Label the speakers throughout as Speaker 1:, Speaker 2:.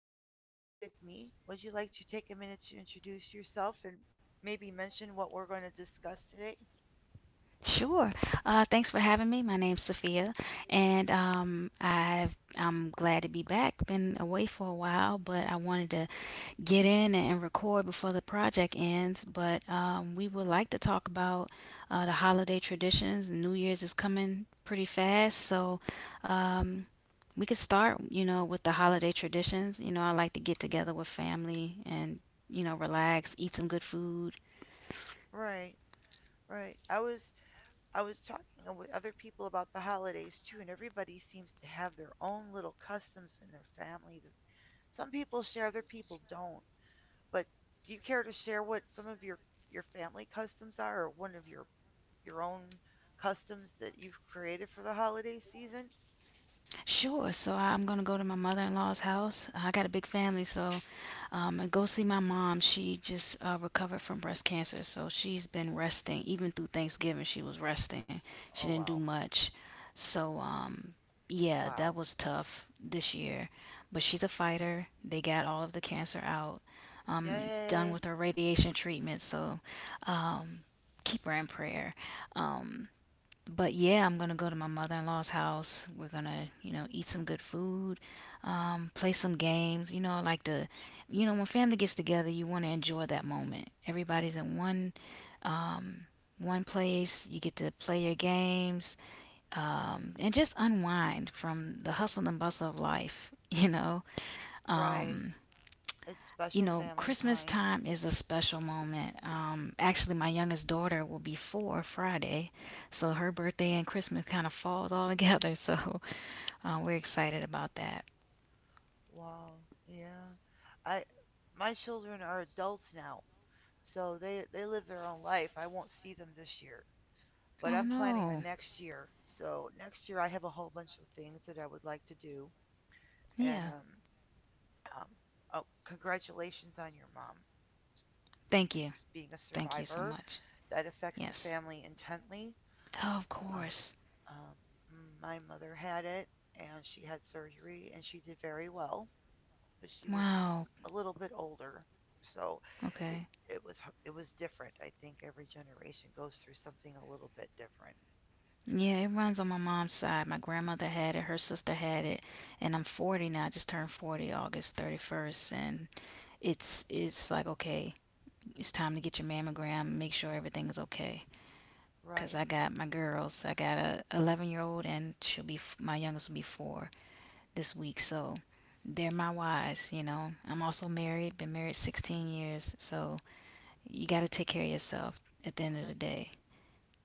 Speaker 1: Sophia is with me. Would you like to take a minute to introduce yourself and maybe mention what we're going to discuss today?
Speaker 2: Sure. Thanks for having me. My name's Sophia, and I'm glad to be back. Been away for a while, but I wanted to get in and record before the project ends. But we would like to talk about the holiday traditions. New Year's is coming pretty fast, so um, we could start with the holiday traditions. I like to get together with family and relax, eat some good food.
Speaker 1: Right, right. I was talking with other people about the holidays too, and everybody seems to have their own little customs in their family that some people share, other people don't. But do you care to share what some of your family customs are, or one of your own customs that you've created for the holiday season?
Speaker 2: Sure. So I'm gonna go to my mother-in-law's house. I got a big family, so and go see my mom. She just recovered from breast cancer, so she's been resting. Even through Thanksgiving, she was resting. She
Speaker 1: Oh,
Speaker 2: didn't do
Speaker 1: wow.
Speaker 2: much. So yeah,
Speaker 1: Wow.
Speaker 2: that was tough this year. But she's a fighter. They got all of the cancer out. Done
Speaker 1: Yay.
Speaker 2: with her radiation treatment. So um, keep her in prayer. Um, but yeah, I'm gonna go to my mother-in-law's house. We're gonna eat some good food, play some games. When family gets together, you want to enjoy that moment. Everybody's in um, one place. You get to play your games, and just unwind from the hustle and bustle of life.
Speaker 1: Right.
Speaker 2: Um,
Speaker 1: It's special family
Speaker 2: Christmas
Speaker 1: time.
Speaker 2: time is a special moment. Actually, my youngest daughter will be four Friday, so her birthday and Christmas kind of falls all together. So we're excited about that.
Speaker 1: Wow. Yeah. I My children are adults now. So they live their own life. I won't see them this year, but
Speaker 2: Oh
Speaker 1: I'm planning on
Speaker 2: no,
Speaker 1: next year. So next year I have a whole bunch of things that I would like to do, and
Speaker 2: yeah.
Speaker 1: um oh, congratulations on your mom,
Speaker 2: Thank you,
Speaker 1: being a
Speaker 2: thank you so
Speaker 1: survivor.
Speaker 2: much.
Speaker 1: That affects the
Speaker 2: Yes,
Speaker 1: family intently.
Speaker 2: oh, of
Speaker 1: Uh,
Speaker 2: course.
Speaker 1: um, my mother had it, and she had surgery and she did very well, but she was
Speaker 2: Wow.
Speaker 1: a little bit older. So it,
Speaker 2: Okay.
Speaker 1: it was it was different. I think every generation goes through something a little bit different,
Speaker 2: Yeah, it runs on my mom's side. My grandmother had it, her sister had it, and I'm 40 now. I just turned 40 August 31st, and it's like okay, it's time to get your mammogram, make sure everything's okay. Because
Speaker 1: right?
Speaker 2: I got my girls, I got a 11-year-old, and she'll be my youngest will be four this week. So they're my wives, you know. I'm also married, been married 16 years. So you got to take care of yourself at the end
Speaker 1: Oh,
Speaker 2: of the day.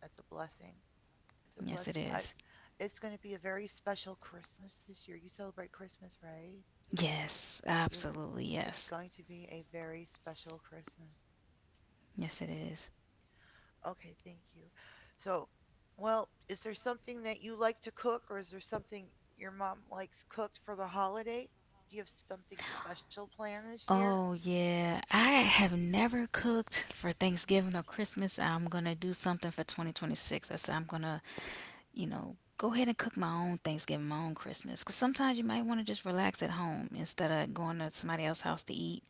Speaker 1: that's a blessing. It's a
Speaker 2: Yes, it
Speaker 1: blessing. I
Speaker 2: is.
Speaker 1: It's going to be a very special Christmas this year. You celebrate Christmas, right?
Speaker 2: Yes,
Speaker 1: You're
Speaker 2: absolutely.
Speaker 1: It's
Speaker 2: Yes.
Speaker 1: going to be a very special Christmas.
Speaker 2: Yes, it is.
Speaker 1: Okay, thank you. So, well, is there something that you like to cook, or is there something your mom likes cooked for the holiday? Do you have something special planned this year?
Speaker 2: Oh, yeah. I have never cooked for Thanksgiving or Christmas. I'm going to do something for 2026. I said I'm going to go ahead and cook my own Thanksgiving, my own Christmas. Because sometimes you might want to just relax at home instead of going to somebody else's house to eat.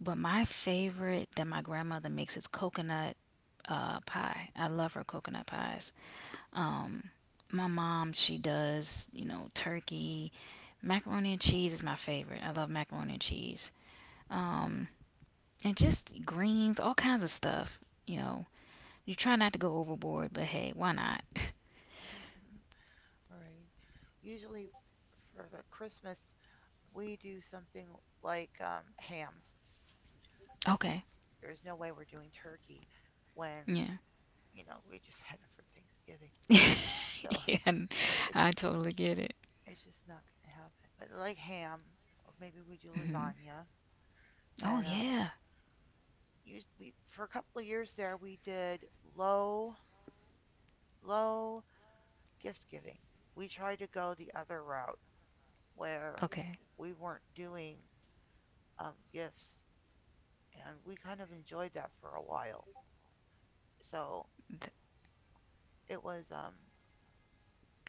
Speaker 2: But my favorite that my grandmother makes is coconut pie. I love her coconut pies. Um, my mom, she does turkey. Macaroni and cheese is my favorite. I love macaroni and cheese. Um, and just greens, all kinds of stuff. You know, you try not to go overboard, but hey, why not?
Speaker 1: All right. Usually for the Christmas, we do something like ham. We
Speaker 2: Okay.
Speaker 1: There's no way we're doing turkey when
Speaker 2: Yeah.
Speaker 1: you know we just had it for Thanksgiving, so
Speaker 2: Yeah,
Speaker 1: it's
Speaker 2: I totally get it.
Speaker 1: it's just not gonna happen. But like ham, or maybe we do
Speaker 2: Hmm.
Speaker 1: lasagna,
Speaker 2: Oh,
Speaker 1: and
Speaker 2: yeah.
Speaker 1: used we for a couple of years there we did low low gift giving. We tried to go the other route where
Speaker 2: Okay.
Speaker 1: we weren't doing gifts, and we kind of enjoyed that for a while. So
Speaker 2: Th-
Speaker 1: it was um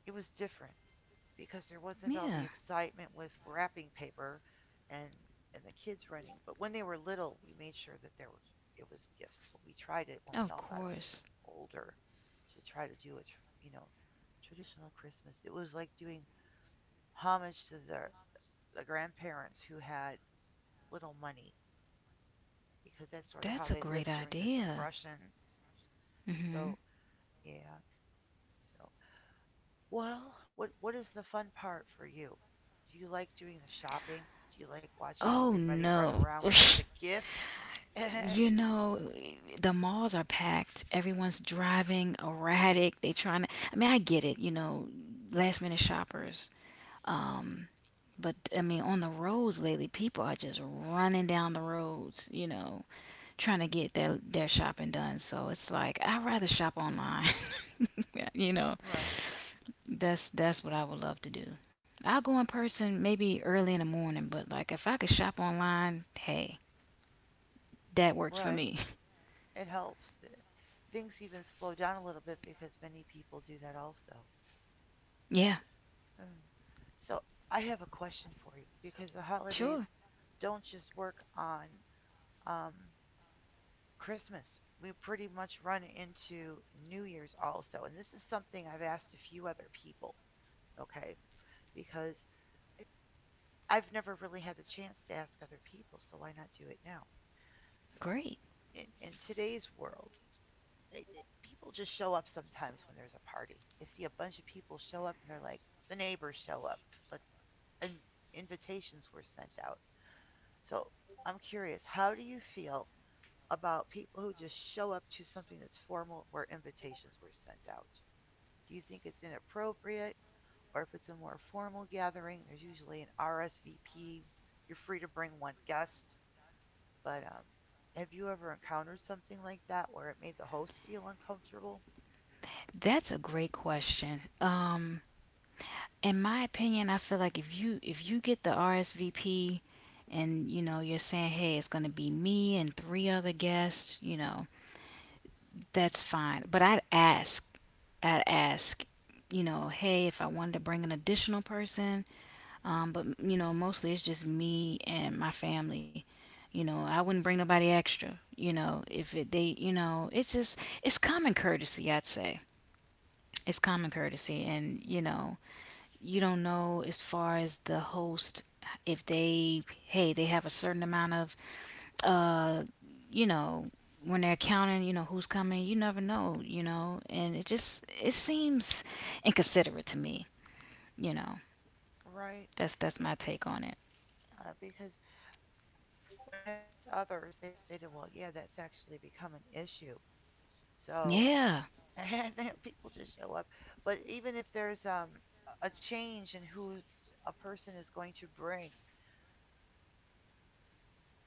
Speaker 1: it was different, because there wasn't all the
Speaker 2: yeah,
Speaker 1: excitement with wrapping paper and the kids running. But when they were little, we made sure that there were it was gifts. But we tried it when we all
Speaker 2: of
Speaker 1: got
Speaker 2: course.
Speaker 1: older to try to do it, you know, traditional Christmas. It was like doing homage to the grandparents who had little money because that's sort of how
Speaker 2: That's a
Speaker 1: they
Speaker 2: great
Speaker 1: lived during the
Speaker 2: idea.
Speaker 1: depression. So, yeah. So, well, what is the fun part for you? Do you like doing the shopping? Do you like watching
Speaker 2: Oh,
Speaker 1: everybody run
Speaker 2: no.
Speaker 1: around over the gifts?
Speaker 2: you know, the malls are packed. Everyone's driving erratic. They trying to, I mean, I get it last minute shoppers. Um, but I mean, on the roads lately, people are just running down the roads trying to
Speaker 1: Hmm.
Speaker 2: get their shopping done. So it's like I'd rather shop online. you know,
Speaker 1: Right,
Speaker 2: that's what I would love to do. I'll go in person maybe early in the morning, but like if I could shop online, hey, that works for
Speaker 1: right.
Speaker 2: me.
Speaker 1: It helps. Things even slow down a little bit because many people do that also.
Speaker 2: Yeah,
Speaker 1: Mm. So I have a question for you because the holidays
Speaker 2: sure.
Speaker 1: don't just work on um, Christmas. We pretty much run into New Year's also, and this is something I've asked a few other people. Okay, because it, I've never really had the chance to ask other people, so why not do it now? So
Speaker 2: Great.
Speaker 1: in today's world, people just show up sometimes when there's a party. They see a bunch of people show up and they're like, the neighbors show up, but and invitations were sent out. So I'm curious, how do you feel about people who just show up to something that's formal where invitations were sent out? Do you think it's inappropriate? Or if it's a more formal gathering, there's usually an RSVP. You're free to bring one guest, but have you ever encountered something like that where it made the host feel uncomfortable?
Speaker 2: That's a great question. In my opinion, I feel like if you get the RSVP and you know you're saying, "Hey, it's going to be me and three other guests," that's fine. But I'd ask, "Hey, if I wanted to bring an additional person. But you know, mostly it's just me and my family. I wouldn't bring nobody extra. You know, if it, they, you know, it's just it's common courtesy, I'd say. It's common courtesy, and you don't know as far as the host if they, hey, they have a certain amount of, uh, you know, when they're counting who's coming. You never know and it just it seems inconsiderate to me. You know,
Speaker 1: Right?
Speaker 2: that's
Speaker 1: Yeah,
Speaker 2: my take on it.
Speaker 1: because when I have asked others, they've stated, well, yeah, that's actually become an issue. So,
Speaker 2: Yeah,
Speaker 1: and people just show up. But even if there's a change in who a person is going to bring,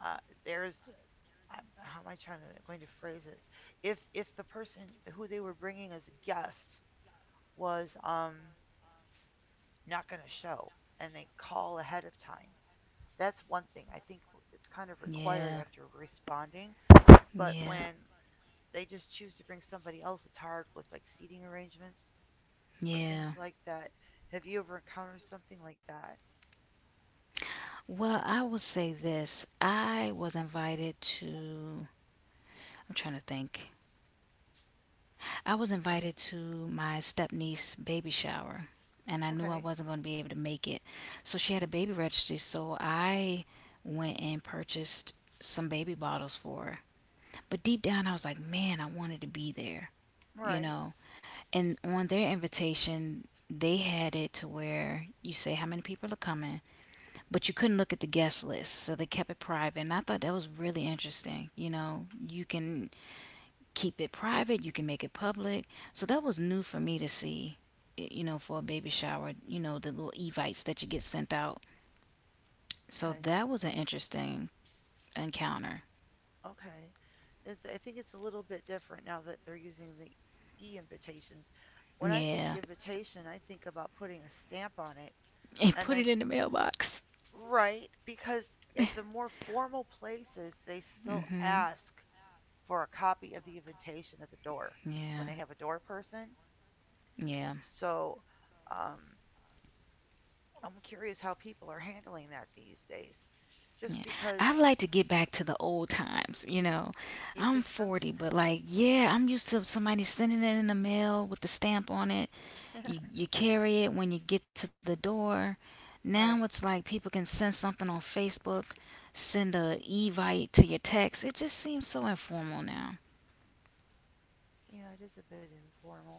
Speaker 1: uh, there's how am I trying to going to phrase this? If the person who they were bringing as a guest was not going to show and they call ahead of time, that's one thing. I think it's kind of required
Speaker 2: yeah.
Speaker 1: after responding. But
Speaker 2: Yeah,
Speaker 1: when they just choose to bring somebody else, it's hard with like seating arrangements or things
Speaker 2: yeah.
Speaker 1: like that. Have you ever encountered something like that?
Speaker 2: Well, I will say this. I was invited to, I'm trying to think. I was
Speaker 1: Okay.
Speaker 2: invited to my stepniece baby shower, and I knew I
Speaker 1: Okay.
Speaker 2: wasn't going to be able to make it. So she had a baby registry, so I went and purchased some baby bottles for her. But deep down, I was like, man, I wanted to be there,
Speaker 1: All
Speaker 2: you
Speaker 1: right.
Speaker 2: know? And on their invitation, they had it to where you say how many people are coming, but you couldn't look at the guest list, so they kept it private. And I thought that was really interesting. You can keep it private, you can make it public. So that was new for me to see, for a baby shower, the little evites that you get sent out. So
Speaker 1: Okay.
Speaker 2: that was an interesting encounter.
Speaker 1: Okay. It's, I think it's a little bit different now that they're using the e invitations. When I think
Speaker 2: Yeah.
Speaker 1: invitation, I think about putting a stamp on it.
Speaker 2: And
Speaker 1: And
Speaker 2: put
Speaker 1: then,
Speaker 2: it in the mailbox.
Speaker 1: right, because at the more formal places, they still
Speaker 2: Hmm.
Speaker 1: ask for a copy of the invitation at the door when
Speaker 2: Yeah.
Speaker 1: they have a door person.
Speaker 2: Yeah.
Speaker 1: So um, I'm curious how people are handling that these days. Just
Speaker 2: Yeah.
Speaker 1: because
Speaker 2: I'd like to get back to the old times.
Speaker 1: you
Speaker 2: I'm
Speaker 1: think so?
Speaker 2: 40, but like, yeah, I'm used to somebody sending it in the mail with the stamp on it. You carry it when you get to the door. Now it's
Speaker 1: Right.
Speaker 2: like people can send something on Facebook, send a evite to your text. It just seems so informal now.
Speaker 1: Yeah, it is a bit informal.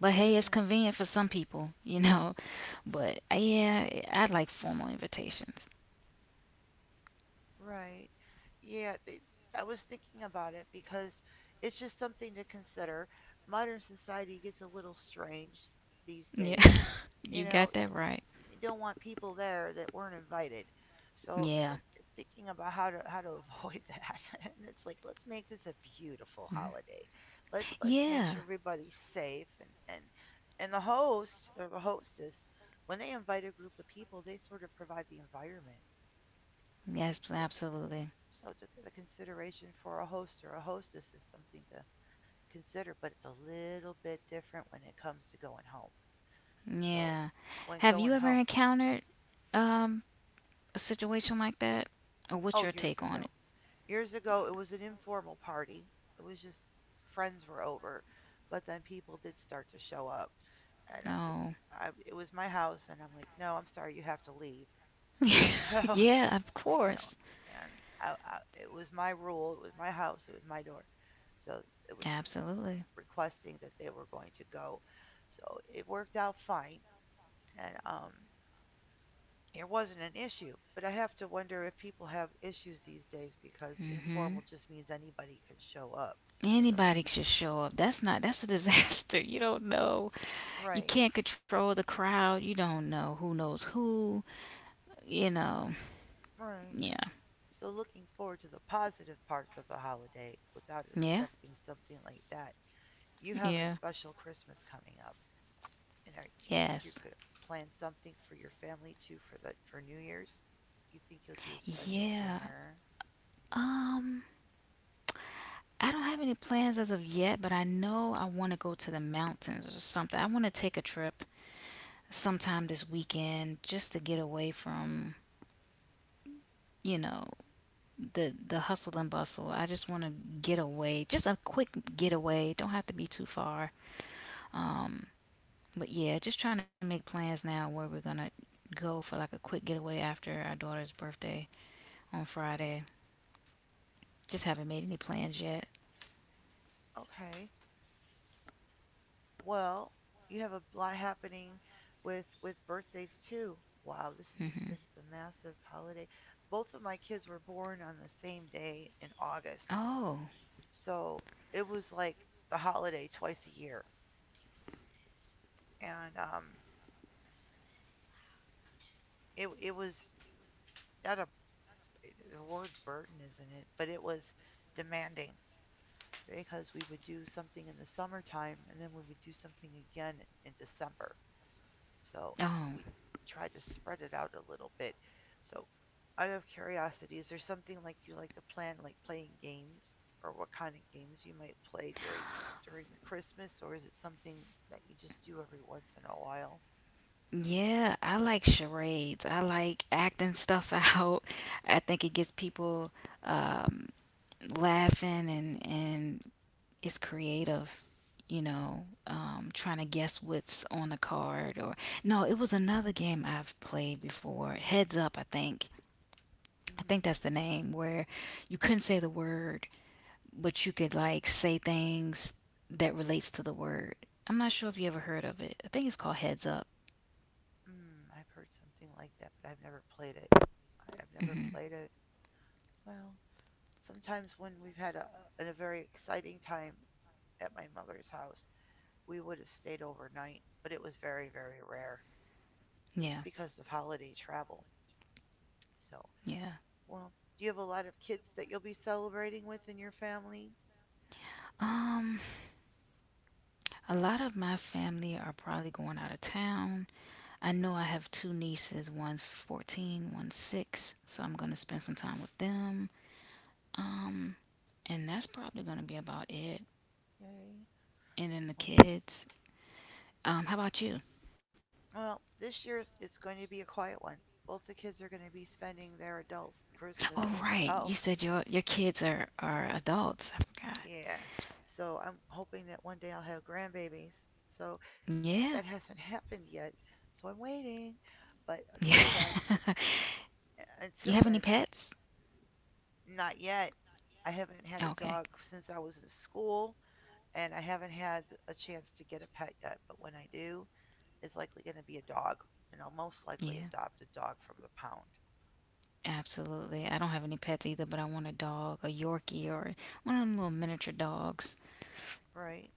Speaker 2: But
Speaker 1: It
Speaker 2: hey, it's
Speaker 1: isn't.
Speaker 2: convenient for some people, you know. But yeah, I like formal invitations.
Speaker 1: Right. Yeah, it, I was thinking about it because it's just something to consider. Modern society gets a little strange these
Speaker 2: Yeah.
Speaker 1: days. You
Speaker 2: You
Speaker 1: know,
Speaker 2: got that right.
Speaker 1: you don't want people there that weren't invited. So,
Speaker 2: Yeah.
Speaker 1: thinking about how to avoid that, and it's like let's make this a beautiful
Speaker 2: Mhm.
Speaker 1: holiday. Let's make
Speaker 2: Yeah.
Speaker 1: sure everybody's safe and and the host or the hostess, when they invite a group of people, they sort of provide the environment.
Speaker 2: Yes,
Speaker 1: So,
Speaker 2: absolutely.
Speaker 1: the consideration for a host or a hostess is something to consider, but it's a little bit different when it comes to going home. So
Speaker 2: Yeah.
Speaker 1: when
Speaker 2: Have
Speaker 1: going
Speaker 2: you ever
Speaker 1: home,
Speaker 2: encountered um a situation like that? Or what's
Speaker 1: oh,
Speaker 2: your
Speaker 1: years
Speaker 2: take on
Speaker 1: ago,
Speaker 2: it?
Speaker 1: it was an informal party. It was just friends were over, but then people did start to show up, and
Speaker 2: Oh.
Speaker 1: I, it was my house, and I'm like, no, I'm sorry, you have to leave. So
Speaker 2: Yeah, of
Speaker 1: you know,
Speaker 2: course.
Speaker 1: and it was my rule. It was my house. It was my door. So it was
Speaker 2: Absolutely.
Speaker 1: requesting that they were going to go. So it worked out fine. And it wasn't an issue. But I have to wonder if people have issues these days because
Speaker 2: Mhm.
Speaker 1: informal just means anybody can show up. In the
Speaker 2: Anybody should show up. That's not, that's a disaster. You don't know. You
Speaker 1: Right,
Speaker 2: can't control the crowd. You don't know who knows who. You know.
Speaker 1: right.
Speaker 2: Yeah.
Speaker 1: So looking forward to the positive parts of the holiday without
Speaker 2: Yeah.
Speaker 1: expecting something like that. You have a
Speaker 2: Yeah.
Speaker 1: special Christmas coming up, and do you think you're
Speaker 2: Yes.
Speaker 1: gonna plan something for your family too for the for New Year's? Do you think you'll do a special
Speaker 2: Yeah.
Speaker 1: dinner?
Speaker 2: Um I don't have any plans as of yet, but I know I want to go to the mountains or something. I want to take a trip sometime this weekend just to get away from, you know, the hustle and bustle. I just want to get away, just a quick getaway. Don't have to be too far. Um, but yeah, just trying to make plans now where we're gonna go for like a quick getaway after our daughter's birthday on Friday. Just haven't made any plans yet.
Speaker 1: Okay. Well, you have a lot happening with birthdays too. Wow,
Speaker 2: Hmm.
Speaker 1: this is a massive holiday. Both of my kids were born on the same day in August,
Speaker 2: Oh,
Speaker 1: so it was like the holiday twice a year, and it it was not a, the word burden isn't it, but it was demanding because we would do something in the summertime and then we would do something again in December. So
Speaker 2: oh.
Speaker 1: we tried to spread it out a little bit. So, out of curiosity, is there something like you like to plan, like playing games, or what kind of games you might play during the Christmas, or is it something that you just do every once in a while?
Speaker 2: Yeah, I like charades. I like acting stuff out. I think it gets people um, laughing and it's creative, trying to guess what's on the card or no, it was another game I've played before. Heads Up, I think. I
Speaker 1: Mm-hmm.
Speaker 2: think that's the name where you couldn't say the word, but you could like say things that relates to the word. I'm not sure if you ever heard of it. I think it's called Heads Up.
Speaker 1: Mm, I've heard something like that, but I've never played have never
Speaker 2: Hmm.
Speaker 1: played it. Well, sometimes when we've had a very exciting time at my mother's house, we would have stayed overnight, but it was very, very rare,
Speaker 2: Yeah.
Speaker 1: just because of holiday travel. So,
Speaker 2: Yeah.
Speaker 1: well, do you have a lot of kids that you'll be celebrating with in your family?
Speaker 2: Um, a lot of my family are probably going out of town. I know I have two nieces, one's 14, one's 6, so I'm going to spend some time with them. Um, and that's probably going to be about it.
Speaker 1: Yay.
Speaker 2: And then the
Speaker 1: Well,
Speaker 2: kids. How about you?
Speaker 1: well, this year it's going to be a quiet one. Both the kids are going to be spending their adult Christmas
Speaker 2: Oh,
Speaker 1: somewhere
Speaker 2: right. You
Speaker 1: else.
Speaker 2: said your kids are adults. I forgot.
Speaker 1: Yeah. So I'm hoping that one day I'll have grandbabies. So
Speaker 2: Yeah.
Speaker 1: that hasn't happened yet. So I'm waiting. But
Speaker 2: Yeah.
Speaker 1: until then,
Speaker 2: You
Speaker 1: until
Speaker 2: have any
Speaker 1: then,
Speaker 2: pets?
Speaker 1: not yet. I haven't had a
Speaker 2: Okay.
Speaker 1: dog since I was in school, and I haven't had a chance to get a pet yet, but when I do, it's likely going to be a dog, and I'll most likely
Speaker 2: Yeah.
Speaker 1: adopt a dog from the pound,
Speaker 2: Absolutely. I don't have any pets either, but I want a dog, a Yorkie, or one of them little miniature dogs.
Speaker 1: right?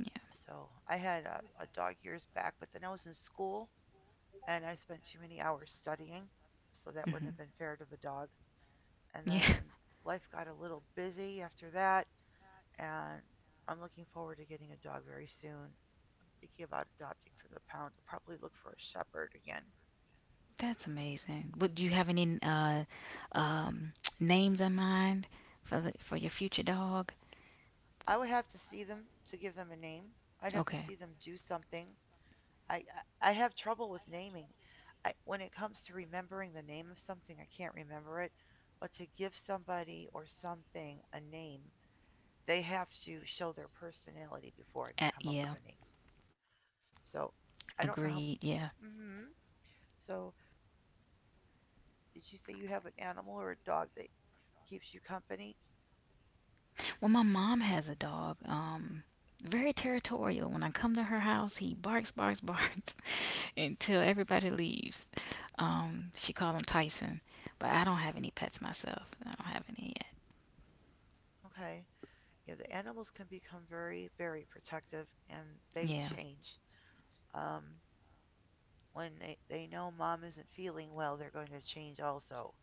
Speaker 2: Yeah.
Speaker 1: So I had a dog years back, but then I was in school and I spent too many hours studying, so that wouldn't have
Speaker 2: Mhm.
Speaker 1: been fair to the dog. And
Speaker 2: Yeah,
Speaker 1: then life got a little busy after that, and I'm looking forward to getting a dog very soon. I'm thinking about adopting from the pound. I'll probably look for a shepherd again.
Speaker 2: that's amazing. Would Do you
Speaker 1: Mhm.
Speaker 2: have any um, names in mind for your future dog?
Speaker 1: I would have to see them to give them a name. I'd have to
Speaker 2: Okay.
Speaker 1: see them do something. I I have trouble with naming. I, when it comes to remembering the name of something, I can't remember it. But to give somebody or something a name, they have to show their personality before I can come up with a
Speaker 2: Yeah.
Speaker 1: name. So
Speaker 2: Agreed.
Speaker 1: I don't
Speaker 2: Yeah.
Speaker 1: know how. Hmm. So did you say you have an animal or a dog that keeps you company?
Speaker 2: Well, my mom has a dog. Very territorial. When I come to her house, he barks, barks, barks until everybody leaves. She called him Tyson, but I don't have any pets myself. I don't have any yet.
Speaker 1: Okay. Yeah, the animals can become very, very protective and they
Speaker 2: Yeah.
Speaker 1: change. Um, when they know mom isn't feeling well, they're going to change also.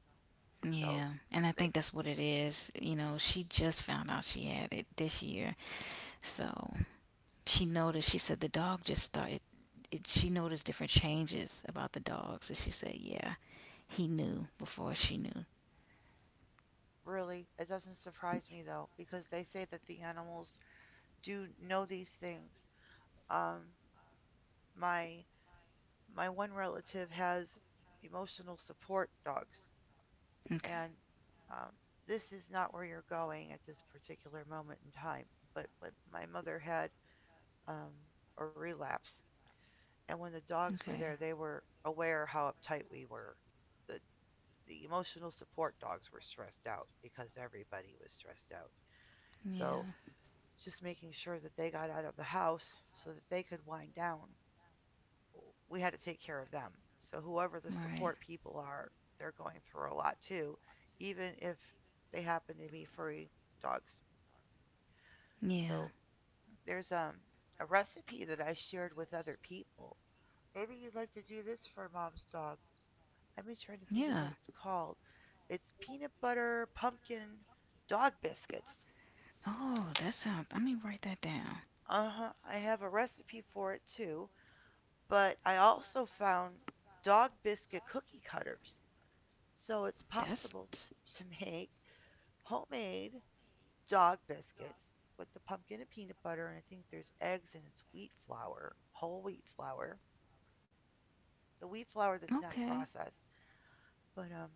Speaker 1: So,
Speaker 2: Yeah, and I
Speaker 1: they,
Speaker 2: think that's what it is. She just found out she had it this year, so she noticed, she said the dog just started, she noticed different changes about the dogs. And she said, yeah, he knew before she knew.
Speaker 1: really, it doesn't surprise me though, because they say that the animals do know these things. Um, my one relative has emotional support dogs,
Speaker 2: Okay.
Speaker 1: and um, this is not where you're going at this particular moment in time. But my mother had um, a relapse, and when the dogs were
Speaker 2: Okay.
Speaker 1: there, they were aware how uptight we were. The the emotional support dogs were stressed out because everybody was stressed out. So
Speaker 2: Yeah.
Speaker 1: just making sure that they got out of the house so that they could wind down, we had to take care of them. So whoever the
Speaker 2: Right.
Speaker 1: support people are, they're going through a lot too, even if they happen to be furry dogs.
Speaker 2: Yeah.
Speaker 1: So there's a recipe that I shared with other people. Maybe you'd like to do this for mom's dog. Let me try to think of
Speaker 2: Yeah.
Speaker 1: what it's called. It's peanut butter pumpkin dog biscuits.
Speaker 2: Oh, that sounds, let me write that down.
Speaker 1: Uh huh. I have a recipe for it too, but I also found dog biscuit cookie cutters. So it's
Speaker 2: That's
Speaker 1: possible to make homemade dog biscuits with the pumpkin and peanut butter, and I think there's eggs and it's wheat flour, whole wheat flour, the wheat flour that's not
Speaker 2: okay.
Speaker 1: processed. But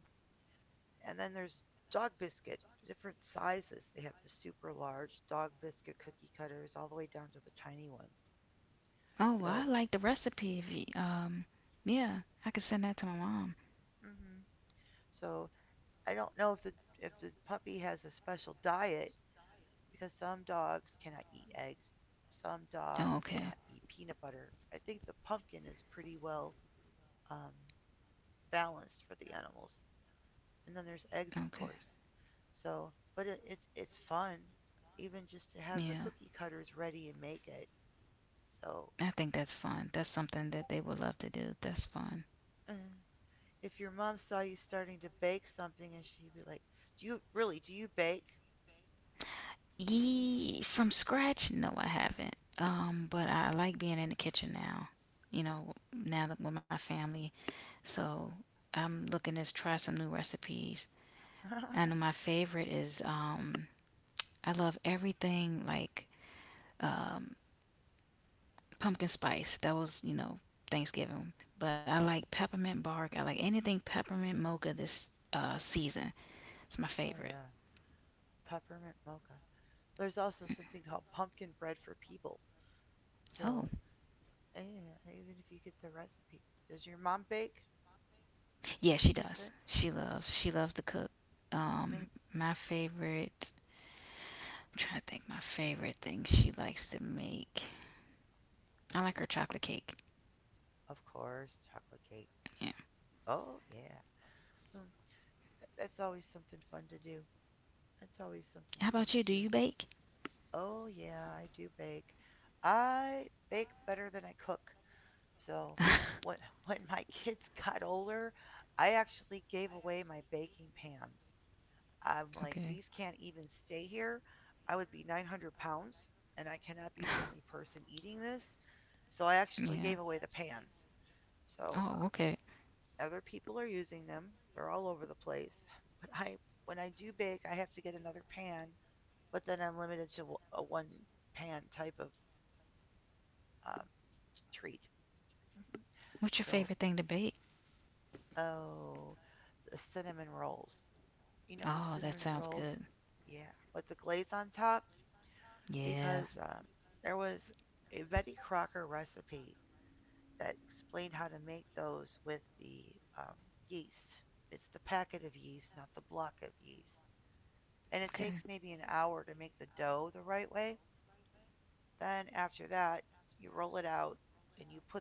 Speaker 1: and then there's dog biscuit, different sizes. They have the super large dog biscuit cookie cutters all the way down to the tiny ones.
Speaker 2: Oh, well, I
Speaker 1: So,
Speaker 2: like the recipe if you, yeah, I could send that to my mom.
Speaker 1: mm-hmm. So I don't know if the puppy has a special diet because some dogs cannot eat eggs, some
Speaker 2: Oh,
Speaker 1: dogs
Speaker 2: okay.
Speaker 1: cannot eat peanut butter. I think the pumpkin is pretty well um, balanced for the animals, and then there's eggs, of
Speaker 2: Okay.
Speaker 1: course. So, but it's fun, even just to have the
Speaker 2: Yeah.
Speaker 1: cookie cutters ready and make it. So
Speaker 2: I think that's fun. That's something that they would love to do. That's fun.
Speaker 1: Uh, if your mom saw you starting to bake something and she'd be like, "Do you really? Do you bake?"
Speaker 2: Ye From scratch? No, I haven't. But I like being in the kitchen now. Now that with my family, so I'm looking to try some new recipes.
Speaker 1: Oh
Speaker 2: I know my favorite is I love everything like um, pumpkin spice. That was Thanksgiving, but I like peppermint bark. I like anything peppermint mocha this season. It's my favorite.
Speaker 1: yeah, peppermint mocha. There's also something called pumpkin bread for people. So
Speaker 2: Oh
Speaker 1: yeah, even if you get the recipe, does your mom bake?
Speaker 2: yeah, she
Speaker 1: You said,
Speaker 2: does. She loves. She loves to cook. Um,
Speaker 1: maybe
Speaker 2: my favorite I'm trying to think my favorite thing she likes to make. I like her chocolate cake.
Speaker 1: of course, chocolate cake.
Speaker 2: Yeah.
Speaker 1: Oh yeah, um, that's always something fun to do. That's always something
Speaker 2: How
Speaker 1: fun
Speaker 2: about
Speaker 1: to
Speaker 2: you? Do
Speaker 1: do.
Speaker 2: you bake?
Speaker 1: Oh yeah, I do bake. I bake better than I cook. So when when my kids got older, I actually gave away my baking pans. I'm like,
Speaker 2: Okay.
Speaker 1: these can't even stay here. I would be 900 pounds, and I cannot be the only person eating this. So I actually gave
Speaker 2: Yeah.
Speaker 1: away the pans. So
Speaker 2: Oh, okay.
Speaker 1: other people are using them. They're all over the place. But I, when I do bake, I have to get another pan. But then I'm limited to a one pan type of um, treat.
Speaker 2: What's your
Speaker 1: So
Speaker 2: favorite thing to bake?
Speaker 1: oh, the cinnamon rolls. You know the
Speaker 2: Oh, that
Speaker 1: cinnamon
Speaker 2: sounds
Speaker 1: rolls?
Speaker 2: good.
Speaker 1: Yeah, with the glaze on top
Speaker 2: Yeah.
Speaker 1: because there was a Betty Crocker recipe that explained how to make those with the um, yeast. It's the packet of yeast, not the block of yeast. And it
Speaker 2: Okay.
Speaker 1: takes maybe an hour to make the dough the right way. Then after that, you roll it out and you put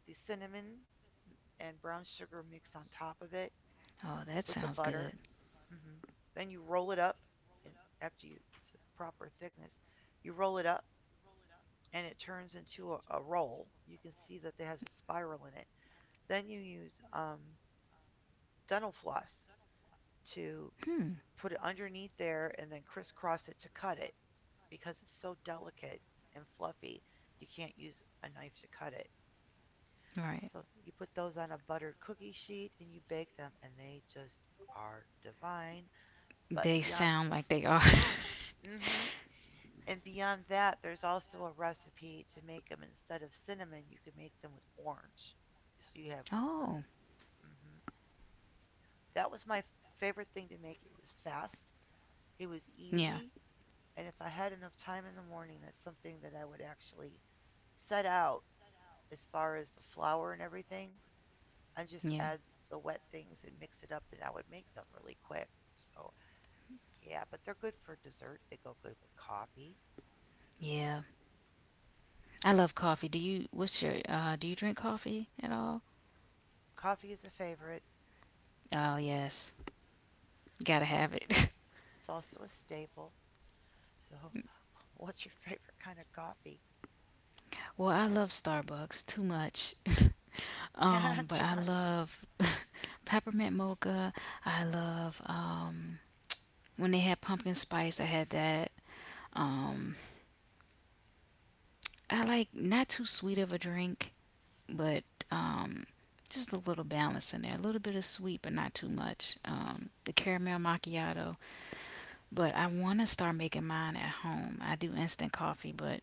Speaker 1: the cinnamon and brown sugar mix on top of it
Speaker 2: Oh, that
Speaker 1: with the
Speaker 2: sounds good.
Speaker 1: butter. Hmm. Then you roll it up, and after you, it's the proper thickness, you roll it up, and it turns into a roll. You can see that it has a spiral in it. Then you use dental floss to
Speaker 2: Hmm.
Speaker 1: put it underneath there, and then crisscross it to cut it, because it's so delicate and fluffy. You can't use a knife to cut it.
Speaker 2: Right.
Speaker 1: So you put those on a buttered cookie sheet and you bake them, and they just are divine. But
Speaker 2: They
Speaker 1: beyond,
Speaker 2: sound like they are.
Speaker 1: mm-hmm, and beyond that, there's also a recipe to make them instead of cinnamon, you can make them with orange. So you have,
Speaker 2: Oh.
Speaker 1: hmm, that was my favorite thing to make. It was fast, it was
Speaker 2: Yeah.
Speaker 1: easy, and if I had enough time in the morning, that's something that I would actually set out as far as the flour and everything. I just
Speaker 2: Yeah.
Speaker 1: add the wet things and mix it up, and I would make them really quick. So, yeah, but they're good for dessert. They go good with coffee.
Speaker 2: Yeah. I love coffee. Do you what's your do you drink coffee at all?
Speaker 1: Coffee is a favorite.
Speaker 2: Oh, yes. Gotta
Speaker 1: It's
Speaker 2: have
Speaker 1: also
Speaker 2: it.
Speaker 1: it's also a staple. So, what's your favorite kind of coffee?
Speaker 2: Well, I love Starbucks too much. But
Speaker 1: Too
Speaker 2: I
Speaker 1: much.
Speaker 2: love peppermint mocha. I love when they had pumpkin spice, I had that. Um, I like not too sweet of a drink, but um just a little balance in there. A little bit of sweet, but not too much. The caramel macchiato, but I want to start making mine at home. I do instant coffee, but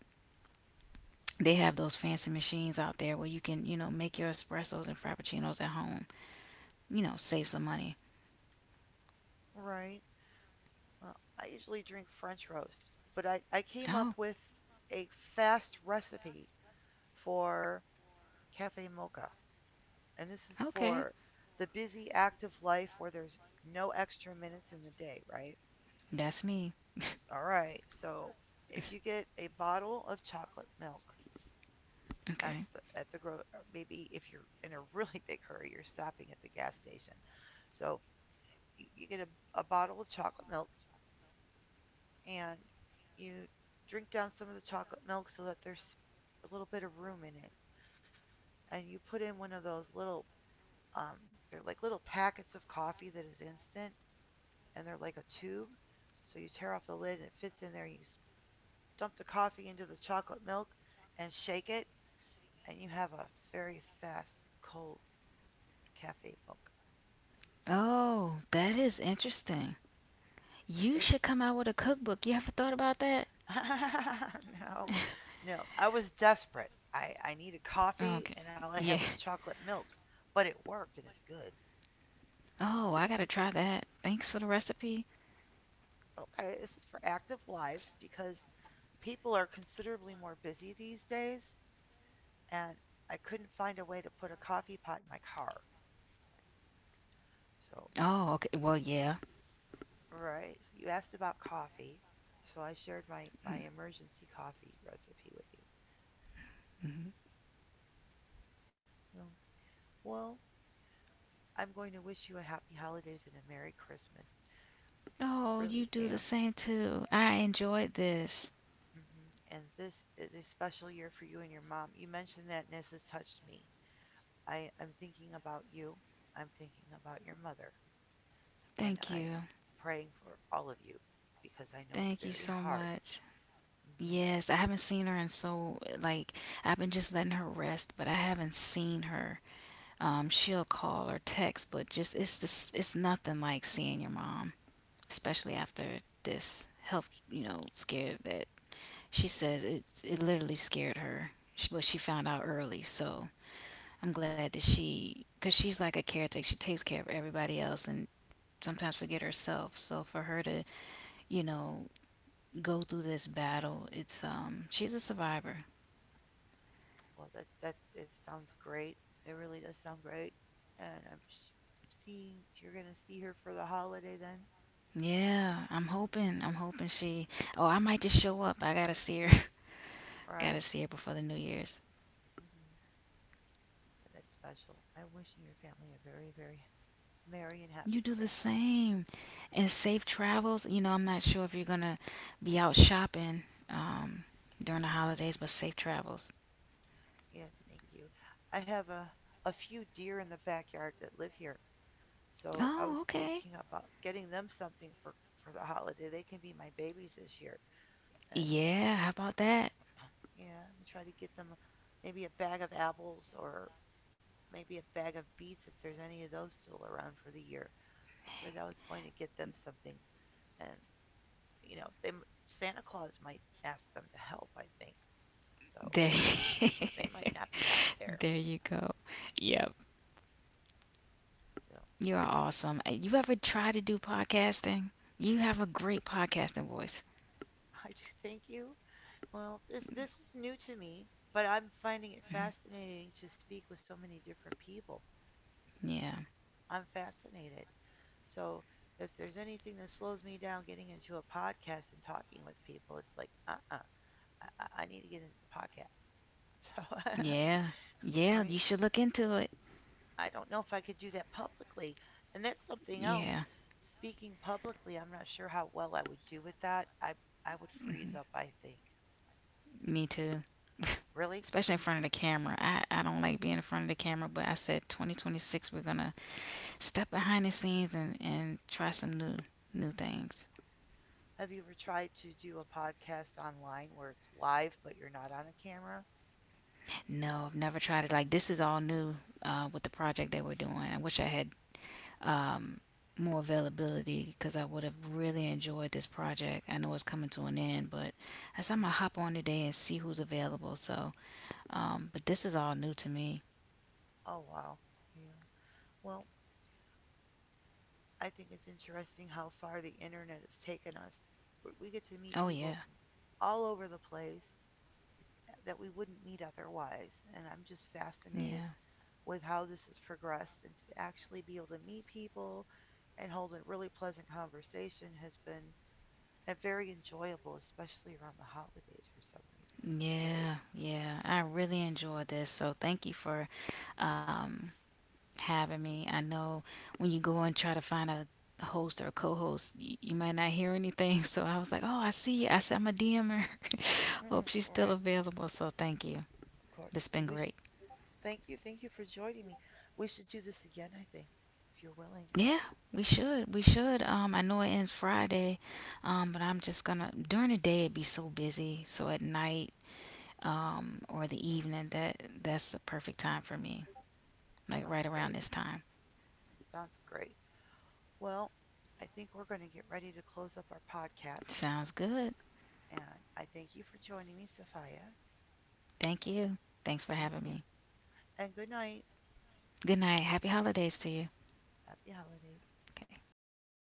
Speaker 2: they have those fancy machines out there where you can, you know, make your espressos and frappuccinos at home. You know, save some money.
Speaker 1: Right. Well, I usually drink French roast, but I came
Speaker 2: Oh,
Speaker 1: up with a fast recipe for cafe mocha. And this is
Speaker 2: okay.
Speaker 1: for the busy, active life where there's no extra minutes in the day, right?
Speaker 2: That's me.
Speaker 1: All right. So, if you get a bottle of chocolate milk at
Speaker 2: Okay.
Speaker 1: the gro- maybe if you're in a really big hurry, you're stopping at the gas station. So, you get a bottle of chocolate milk and you drink down some of the chocolate milk so that there's a little bit of room in it. And you put in one of those little, um, they're like little packets of coffee that is instant and they're like a tube. So you tear off the lid and it fits in there and you dump the coffee into the chocolate milk and shake it and you have a very fast cold cafe mocha.
Speaker 2: Oh, that is interesting. You
Speaker 1: It
Speaker 2: should come out with a cookbook. You ever thought about that?
Speaker 1: no, no. I was desperate. I needed coffee,
Speaker 2: Okay.
Speaker 1: and all I had
Speaker 2: Yeah.
Speaker 1: was chocolate milk. But it worked, and it's good.
Speaker 2: Oh, I gotta try that. Thanks for the recipe.
Speaker 1: Okay, this is for active lives because people are considerably more busy these days, and I couldn't find a way to put a coffee pot in my car. So,
Speaker 2: Oh, okay. Well, yeah.
Speaker 1: right. So you asked about coffee, so I shared my emergency coffee recipe with you.
Speaker 2: Mm-hmm.
Speaker 1: So, well, I'm going to wish you a happy holidays and a merry Christmas.
Speaker 2: Oh, you
Speaker 1: Really
Speaker 2: do the
Speaker 1: am.
Speaker 2: same too. I enjoyed this.
Speaker 1: Mhm. And this is a special year for you and your mom. You mentioned that, and this has touched me. I'm thinking about you. I'm thinking about your mother. And
Speaker 2: Thank
Speaker 1: I am
Speaker 2: you.
Speaker 1: praying for all of you because I know it's
Speaker 2: Thank you
Speaker 1: very
Speaker 2: so
Speaker 1: hard.
Speaker 2: much.
Speaker 1: Hmm.
Speaker 2: Yes, I haven't seen her in so. I've been just letting her rest, but I haven't seen her. She'll call or text, but just it's this it's nothing like seeing your mom, especially after this health, you know, scared that she says it literally scared her. But she found out early, so I'm glad that because she's like a caretaker. She takes care of everybody else and sometimes forget herself. So for her to, you know, go through this battle, it's she's a survivor.
Speaker 1: Well, that it sounds great. It really does sound great. And I'm seeing you're going to see her for the holiday then,
Speaker 2: Yeah, I'm hoping. I'm hoping she. Oh, I might just show up. I gotta see her. Gotta
Speaker 1: right?
Speaker 2: see her before the New Year's.
Speaker 1: Hmm. Yeah, that's special. I wish you your family a very, very merry and
Speaker 2: You
Speaker 1: happy
Speaker 2: do the
Speaker 1: Christmas.
Speaker 2: same. And safe travels. You know, I'm not sure if you're going to be out shopping um, during the holidays, but safe travels.
Speaker 1: Yes, thank you. I have a few deer in the backyard that live here, so I
Speaker 2: Oh,
Speaker 1: was
Speaker 2: okay.
Speaker 1: thinking about getting them something for the holiday. They can be my babies this year, and
Speaker 2: Yeah, how about that?
Speaker 1: yeah, let me try to get them maybe a bag of apples or maybe a bag of beets if there's any of those still around for the year. But I was going to get them something, and you know, Santa Claus might ask them to help. I think so.
Speaker 2: There,
Speaker 1: They might not be out there.
Speaker 2: there you go. Yep.
Speaker 1: You know,
Speaker 2: You are awesome. You ever try to do podcasting? You have a great podcasting voice.
Speaker 1: I do thank you. Well, this is new to me, but I'm finding it fascinating to speak with so many different people.
Speaker 2: Yeah.
Speaker 1: I'm fascinated. So if there's anything that slows me down getting into a podcast and talking with people, it's like, uh-uh, I, I need to get into the podcast. So,
Speaker 2: Yeah. Yeah,
Speaker 1: right?
Speaker 2: you should look into it.
Speaker 1: I don't know if I could do that publicly, and that's something else.
Speaker 2: Yeah.
Speaker 1: Speaking publicly, I'm not sure how well I would do with that. I would
Speaker 2: Mm-hmm.
Speaker 1: freeze up, I think.
Speaker 2: Me too.
Speaker 1: Really?
Speaker 2: Especially in front of the camera. I don't like being in front of the camera, but I said 2026 we're gonna step behind the scenes and, try some new things.
Speaker 1: Have you ever tried to do a podcast online where it's live but you're not on a camera?
Speaker 2: No, I've never tried it. Like this is all new with the project they were doing. I wish I had um, more availability because I would have really enjoyed this project. I know it's coming to an end, but I said I'm gonna
Speaker 1: Mm.
Speaker 2: hop on today and see who's available. So, but this is all new to me.
Speaker 1: Oh, wow. Yeah. Well, I think it's interesting how far the internet has taken us. We get to meet
Speaker 2: Oh yeah,
Speaker 1: people from all over the place that we wouldn't meet otherwise. And I'm just fascinated
Speaker 2: yeah.
Speaker 1: with how this has progressed and to actually be able to meet people and hold a really pleasant conversation has been very enjoyable, especially around the holidays for some reason. This is great.
Speaker 2: Yeah, yeah. I really enjoyed this. So thank you for um, having me. I know when you go and try to find a host or a co-host, you might not hear anything. So I was like, oh, I see you. I said, I'm a DM her. Hope
Speaker 1: Mm,
Speaker 2: she's still
Speaker 1: right.
Speaker 2: available. So thank you.
Speaker 1: Of course.
Speaker 2: This has been
Speaker 1: We should
Speaker 2: great.
Speaker 1: thank you. Thank you for joining me. We should do this again, I think, if you're willing.
Speaker 2: Yeah, we should. We should.
Speaker 1: Yeah,
Speaker 2: I know it ends Friday, but I'm just gonna during the day it'd be so busy. So at night, or the evening, that's the perfect time for me. Like
Speaker 1: sounds
Speaker 2: right around
Speaker 1: great.
Speaker 2: this time.
Speaker 1: Sounds great. Well, I think we're going to get ready to close up our podcast.
Speaker 2: Sounds good.
Speaker 1: And I thank you for joining me, Sophia.
Speaker 2: Thank you. Thanks for
Speaker 1: Thank
Speaker 2: having
Speaker 1: you.
Speaker 2: me.
Speaker 1: And good night.
Speaker 2: Good night. Happy holidays to you.
Speaker 1: Happy holidays.
Speaker 2: Okay. Bye bye.